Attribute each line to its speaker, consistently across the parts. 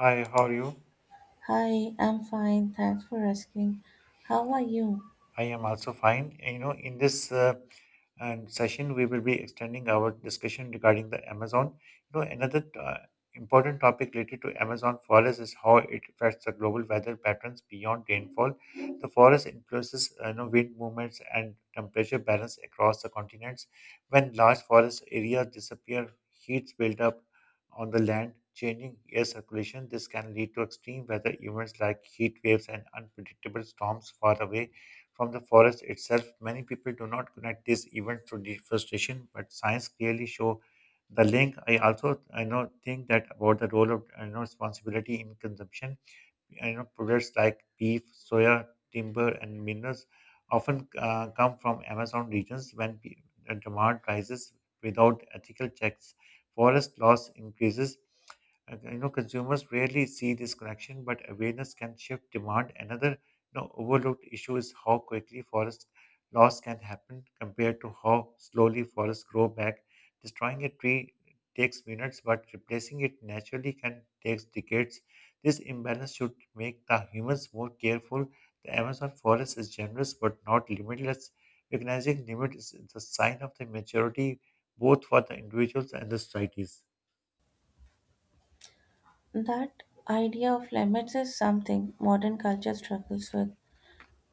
Speaker 1: Hi, how are you?
Speaker 2: Hi, I'm fine. Thanks for asking. How are you?
Speaker 1: I am also fine. In this session, we will be extending our discussion regarding the Amazon. Another important topic related to Amazon forest is how it affects the global weather patterns beyond rainfall. The forest influences wind movements and temperature balance across the continents. When large forest areas disappear, heats build up on the land, changing air circulation. This can lead to extreme weather events like heat waves and unpredictable storms far away from the forest itself. Many people do not connect this event to deforestation, but science clearly show the link. I also I know think that about the role of I know responsibility in consumption, you know, products like beef, soya, timber, and minerals often come from Amazon regions when demand rises without ethical checks. Forest loss increases. Consumers rarely see this connection, but awareness can shift demand. Another overlooked issue is how quickly forest loss can happen compared to how slowly forests grow back. Destroying a tree takes minutes, but replacing it naturally can take decades. This imbalance should make the humans more careful. The Amazon forest is generous but not limitless. Recognizing limit is the sign of the maturity both for the individuals and the societies.
Speaker 2: That idea of limits is something modern culture struggles with.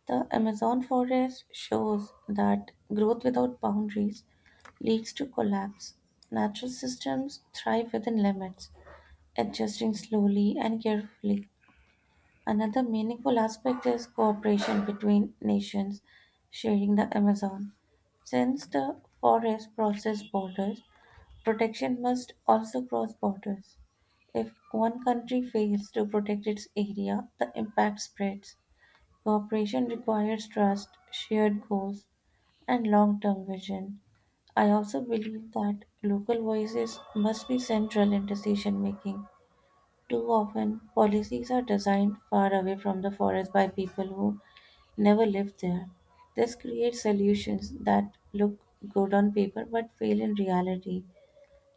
Speaker 2: The Amazon forest shows that growth without boundaries leads to collapse. Natural systems thrive within limits, adjusting slowly and carefully. Another meaningful aspect is cooperation between nations sharing the Amazon. Since the forest crosses borders, protection must also cross borders. If one country fails to protect its area, the impact spreads. Cooperation requires trust, shared goals, and long term vision. I also believe that local voices must be central in decision making. Too often, policies are designed far away from the forest by people who never lived there. This creates solutions that look good on paper but fail in reality.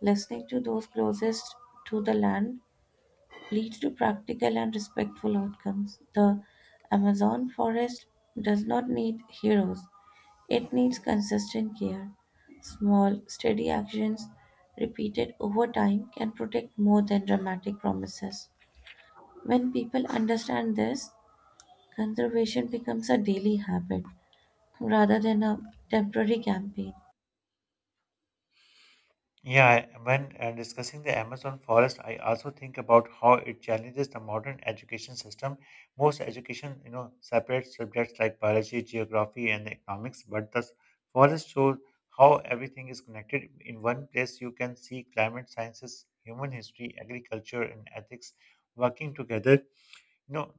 Speaker 2: Listening to those closest to the land leads to practical and respectful outcomes. The Amazon forest does not need heroes, it needs consistent care. Small, steady actions repeated over time can protect more than dramatic promises. When people understand this, conservation becomes a daily habit rather than a temporary campaign.
Speaker 1: Yeah, when discussing the Amazon forest, I also think about how it challenges the modern education system. Most education, you know, separates subjects like biology, geography, and economics, but the forest shows how everything is connected. In one place, you can see climate sciences, human history, agriculture, and ethics working together. You know,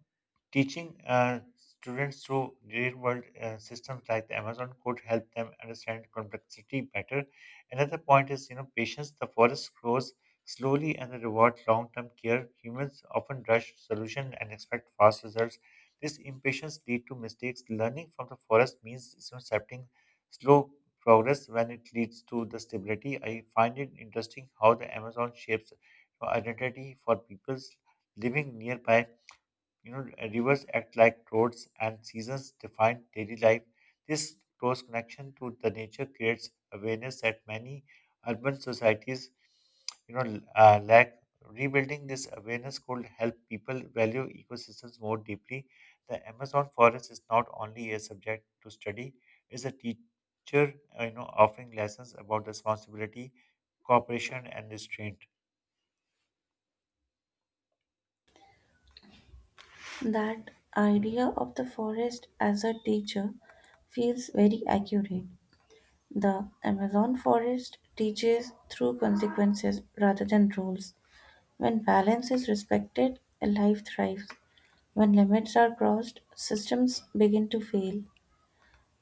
Speaker 1: Teaching students through real world systems like the Amazon could help them understand complexity better. Another point is, you know, patience. The forest grows slowly and the reward long term care. Humans often rush solution and expect fast results. This impatience lead to mistakes. Learning from the forest means, you know, accepting slow progress when it leads to the stability. I find it interesting how the Amazon shapes identity for peoples living nearby. Rivers act like roads and seasons define daily life. This close connection to the nature creates awareness that many urban societies, you know, lack. Rebuilding this awareness could help people value ecosystems more deeply. The Amazon forest is not only a subject to study; it's a teacher, offering lessons about responsibility, cooperation, and restraint.
Speaker 2: That idea of the forest as a teacher feels very accurate. The Amazon forest teaches through consequences rather than rules. When balance is respected, life thrives. When limits are crossed, systems begin to fail.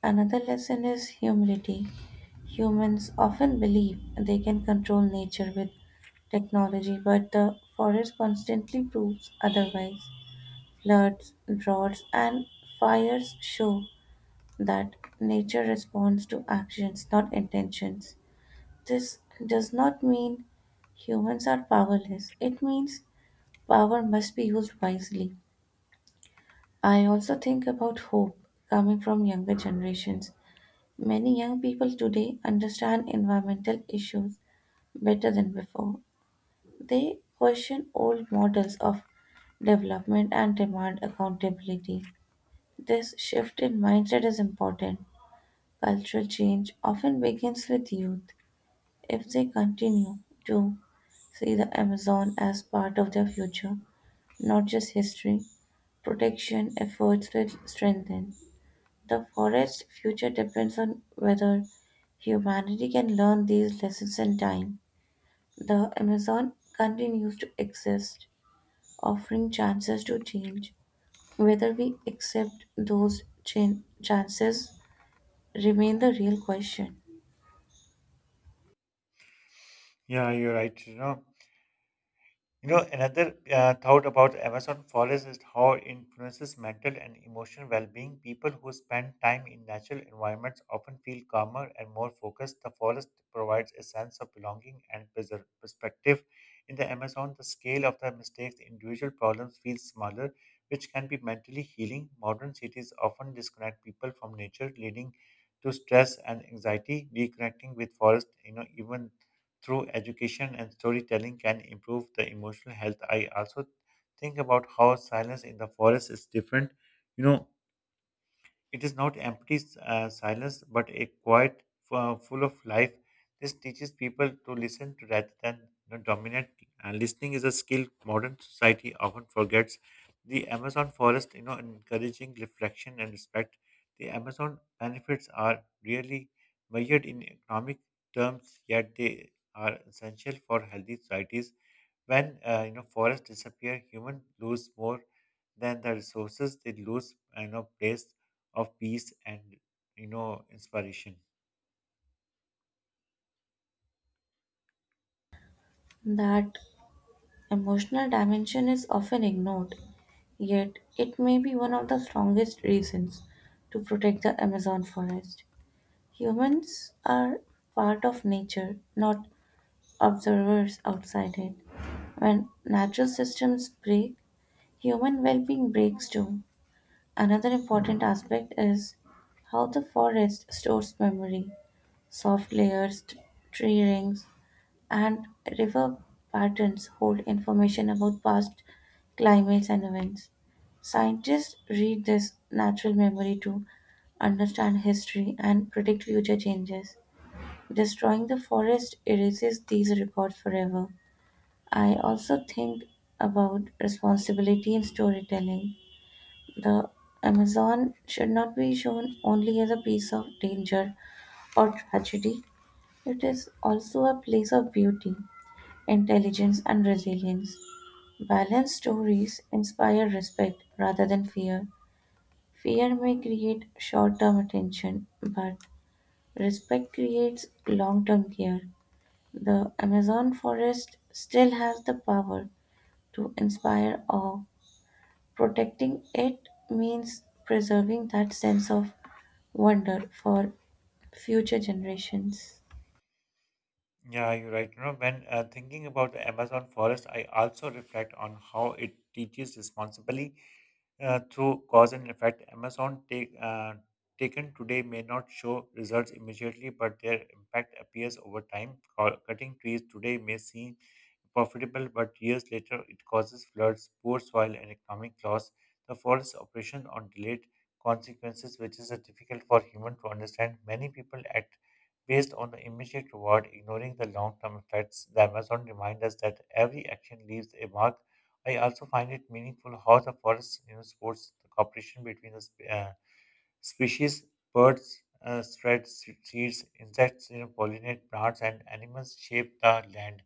Speaker 2: Another lesson is humility. Humans often believe they can control nature with technology, but the forest constantly proves otherwise. Floods, droughts, and fires show that nature responds to actions, not intentions. This does not mean humans are powerless, it means power must be used wisely. I also think about hope coming from younger generations. Many young people today understand environmental issues better than before. They question old models of development and demand accountability. This shift in mindset is important. Cultural change often begins with youth. If they continue to see the Amazon as part of their future, not just history, protection efforts will strengthen. The forest's future depends on whether humanity can learn these lessons in time. The Amazon continues to exist, offering chances to change. Whether we accept those chances remain the real question.
Speaker 1: Yeah, you're right. Another thought about Amazon forest is how it influences mental and emotional well-being. People who spend time in natural environments often feel calmer and more focused. The forest provides a sense of belonging and perspective. In the Amazon, the scale of the mistakes, individual problems feels smaller, which can be mentally healing. Modern cities often disconnect people from nature, leading to stress and anxiety. Reconnecting with forest, you know, even through education and storytelling can improve the emotional health. I also think about how silence in the forest is different. You know, it is not empty silence, but a quiet full of life. This teaches people to listen to rather than, you know, dominate. And listening is a skill modern society often forgets. The Amazon forest, you know, encouraging reflection and respect. The Amazon benefits are really measured in economic terms, yet they are essential for healthy societies. When forests disappear, humans lose more than the resources they lose. You know, place of peace and inspiration.
Speaker 2: That emotional dimension is often ignored, yet it may be one of the strongest reasons to protect the Amazon forest. Humans are part of nature, not observers outside it. When natural systems break, human well being breaks too. Another important aspect is how the forest stores memory. Soft layers, tree rings, and river patterns hold information about past climates and events. Scientists read this natural memory to understand history and predict future changes. Destroying the forest erases these records forever. I also think about responsibility in storytelling. The Amazon should not be shown only as a piece of danger or tragedy, it is also a place of beauty, intelligence, and resilience. Balanced stories inspire respect rather than fear. Fear may create short term attention, but respect creates long term care. The Amazon forest still has the power to inspire awe. Protecting it means preserving that sense of wonder for future generations.
Speaker 1: Yeah, you're right. You know, when Thinking about the Amazon forest, I also reflect on how it teaches responsibly through cause and effect. Amazon take Taken today may not show results immediately, but their impact appears over time. Cutting trees today may seem profitable, but years later it causes floods, poor soil, and economic loss. The forest's operation on delayed consequences, which is difficult for human to understand. Many people act based on the immediate reward, ignoring the long-term effects. The Amazon reminds us that every action leaves a mark. I also find it meaningful how the forest, you know, supports the cooperation between the species, birds, spread seeds, insects, you know, pollinate plants, and animals shape the land.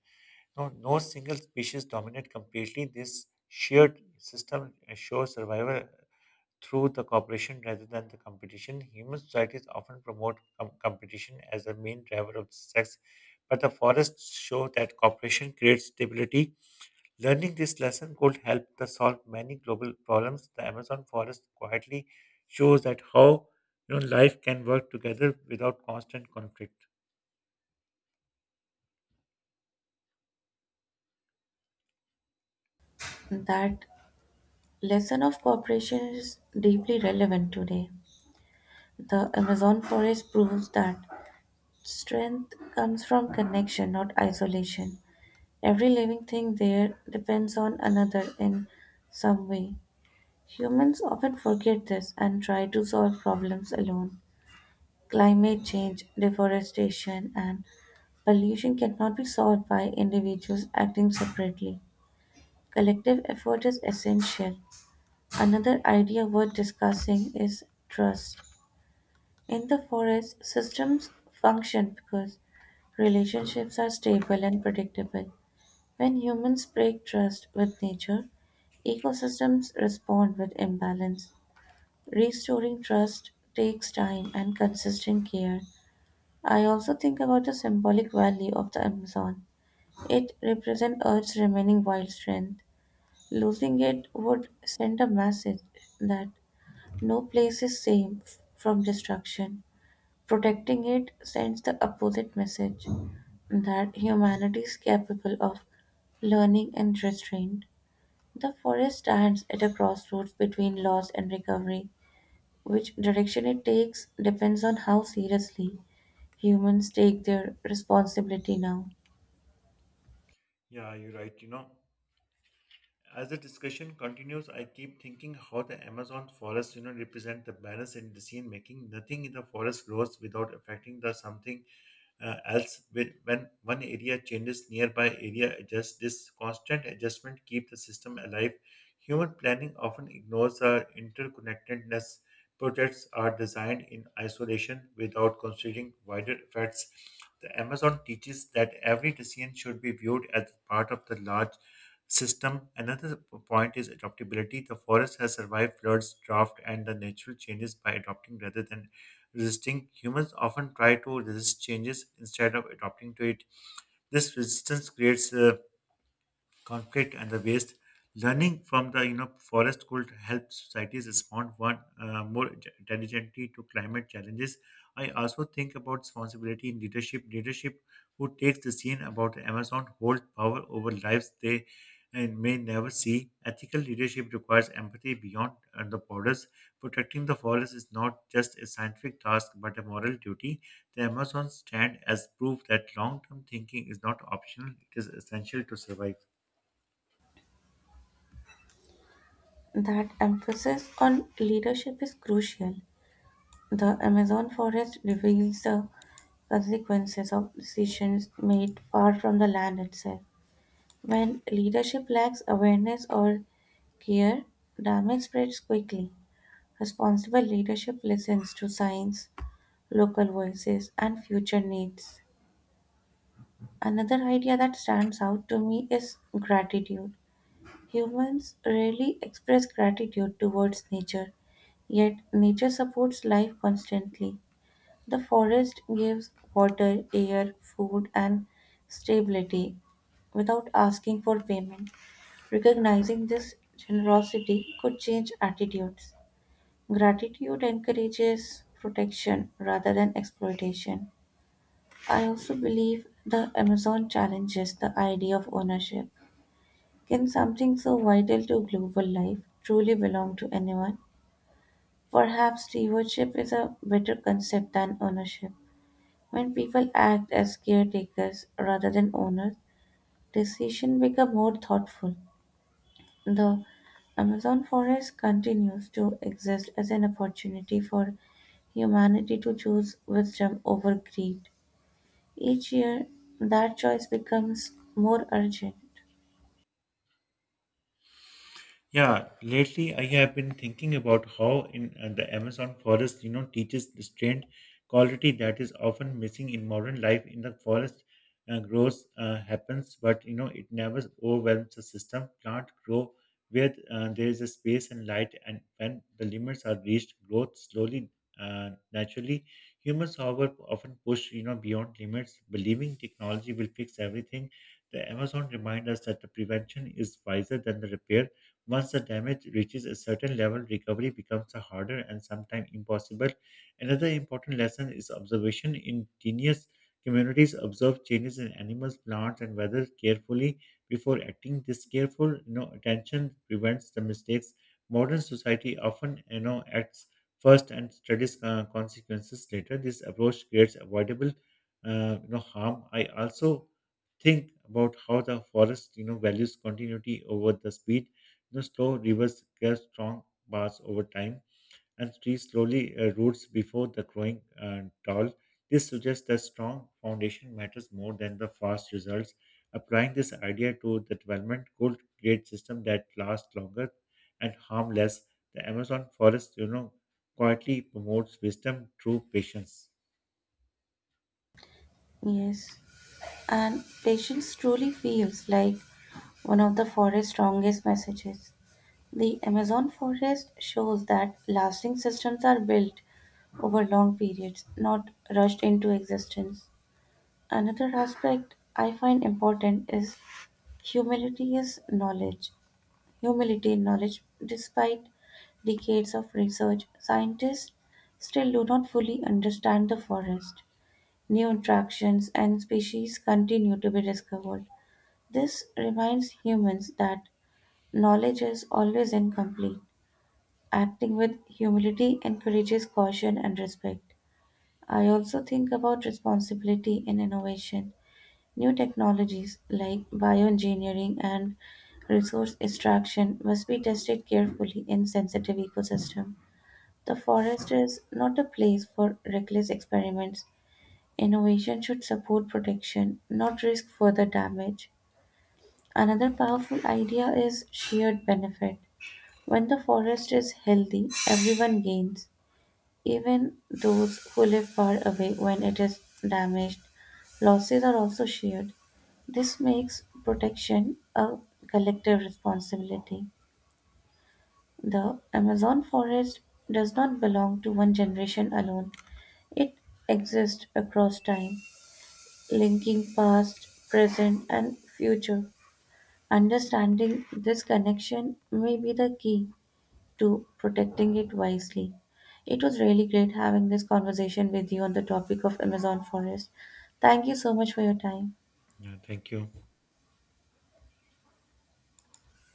Speaker 1: No, no single species dominate completely. This shared system assures survival through the cooperation rather than the competition. Human societies often promote competition as the main driver of sex, but the forests show that cooperation creates stability. Learning this lesson could help to solve many global problems. The Amazon forest quietly shows that how, you know, life can work together without constant conflict.
Speaker 2: That lesson of cooperation is deeply relevant today. The Amazon forest proves that strength comes from connection, not isolation. Every living thing there depends on another in some way. Humans often forget this and try to solve problems alone. Climate change, deforestation, and a lesion cannot be solved by individuals acting separately. Collective effort is essential. Another idea worth discussing is trust. In the forest, systems function because relationships are stable and predictable. When humans break trust with nature, ecosystems respond with imbalance. Restoring trust takes time and consistent care. I also think about the symbolic value of the Amazon. It represents Earth's remaining wild strength. Losing it would send a message that no place is safe from destruction. Protecting it sends the opposite message that humanity is capable of learning and restraint. The forest stands at a crossroads between loss and recovery. Which direction it takes depends on how seriously humans take their responsibility now.
Speaker 1: Yeah, you're right. You know. As the discussion continues, I keep thinking how the Amazon forest, you know, represent the balance in decision making. Nothing in the forest grows without affecting the something else. When one area changes, nearby area adjusts. This constant adjustment keep the system alive. Human planning often ignores the interconnectedness. Projects are designed in isolation without considering wider effects. The Amazon teaches that every decision should be viewed as part of the large system. Another point is adaptability. The forest has survived floods, drought, and the natural changes by adopting rather than resisting. Humans often try to resist changes instead of adapting to it. This resistance creates conflict and the waste. Learning from the, you know, forest could help societies respond one more intelligently to climate challenges. I also think about responsibility in leadership. Leadership who takes the scene about Amazon hold power over lives they and may never see. Ethical leadership requires empathy beyond the borders. Protecting the forest is not just a scientific task but a moral duty. The Amazon stand as proof that long-term thinking is not optional; it is essential to survive.
Speaker 2: That emphasis on leadership is crucial. The Amazon forest reveals the consequences of decisions made far from the land itself. When leadership lacks awareness or care, damage spreads quickly. Responsible leadership listens to science, local voices, and future needs. Another idea that stands out to me is gratitude. Humans rarely express gratitude towards nature, yet nature supports life constantly. The forest gives water, air, food, and stability without asking for payment. Recognizing this generosity could change attitudes. Gratitude encourages protection rather than exploitation. I also believe the Amazon challenges the idea of ownership. Can something so vital to global life truly belong to anyone? Perhaps stewardship is a better concept than ownership. When people act as caretakers rather than owners, decisions become more thoughtful. The Amazon forest continues to exist as an opportunity for humanity to choose wisdom over greed. Each year, that choice becomes more urgent.
Speaker 1: Yeah, lately I have been thinking about how in the Amazon forest, you know, teaches restraint quality that is often missing in modern life. In the forest, growth happens, but, you know, it never overwhelms the system. Plant grow where there is a space and light, and when the limits are reached, growth slowly, naturally. Humans, however, often push, you know, beyond limits, believing technology will fix everything. The Amazon reminds us that the prevention is wiser than the repair once the damage reaches a certain level, recovery becomes harder and sometimes impossible. Another important lesson is observation. Indigenous communities observe changes in animals, plants, and weather carefully before acting. This careful, you know, attention prevents the mistakes. Modern society often, you know, acts first and studies consequences later. This approach creates avoidable harm. I also think about how the forest, you know, values continuity over the speed the slow rivers get strong bars over time, and trees slowly roots before the growing tall. This suggests that strong foundation matters more than the fast results. Applying this idea to the development could create system that last longer and harm less. The Amazon forest, you know, quietly promotes wisdom through patience.
Speaker 2: Yes. And patience truly feels like one of the forest's strongest messages. The Amazon forest shows that lasting systems are built over long periods, not rushed into existence. Another aspect I find important is humility is knowledge. Humility in knowledge, despite decades of research, scientists still do not fully understand the forest. New interactions and species continue to be discovered. This reminds humans that knowledge is always incomplete. Acting with humility encourages caution and respect. I also think about responsibility in innovation. New technologies like bioengineering and resource extraction must be tested carefully in sensitive ecosystem. The forest is not a place for reckless experiments. Innovation should support protection, not risk further damage. Another powerful idea is shared benefit. When the forest is healthy, everyone gains, even those who live far away when it is damaged. Losses are also shared. This makes protection a collective responsibility. The Amazon forest does not belong to one generation alone, it exists across time, linking past, present, and future. Understanding this connection may be the key to protecting it wisely. It was really great having this conversation with you on the topic of Amazon forest. Thank you so much for your time.
Speaker 1: Yeah, thank you.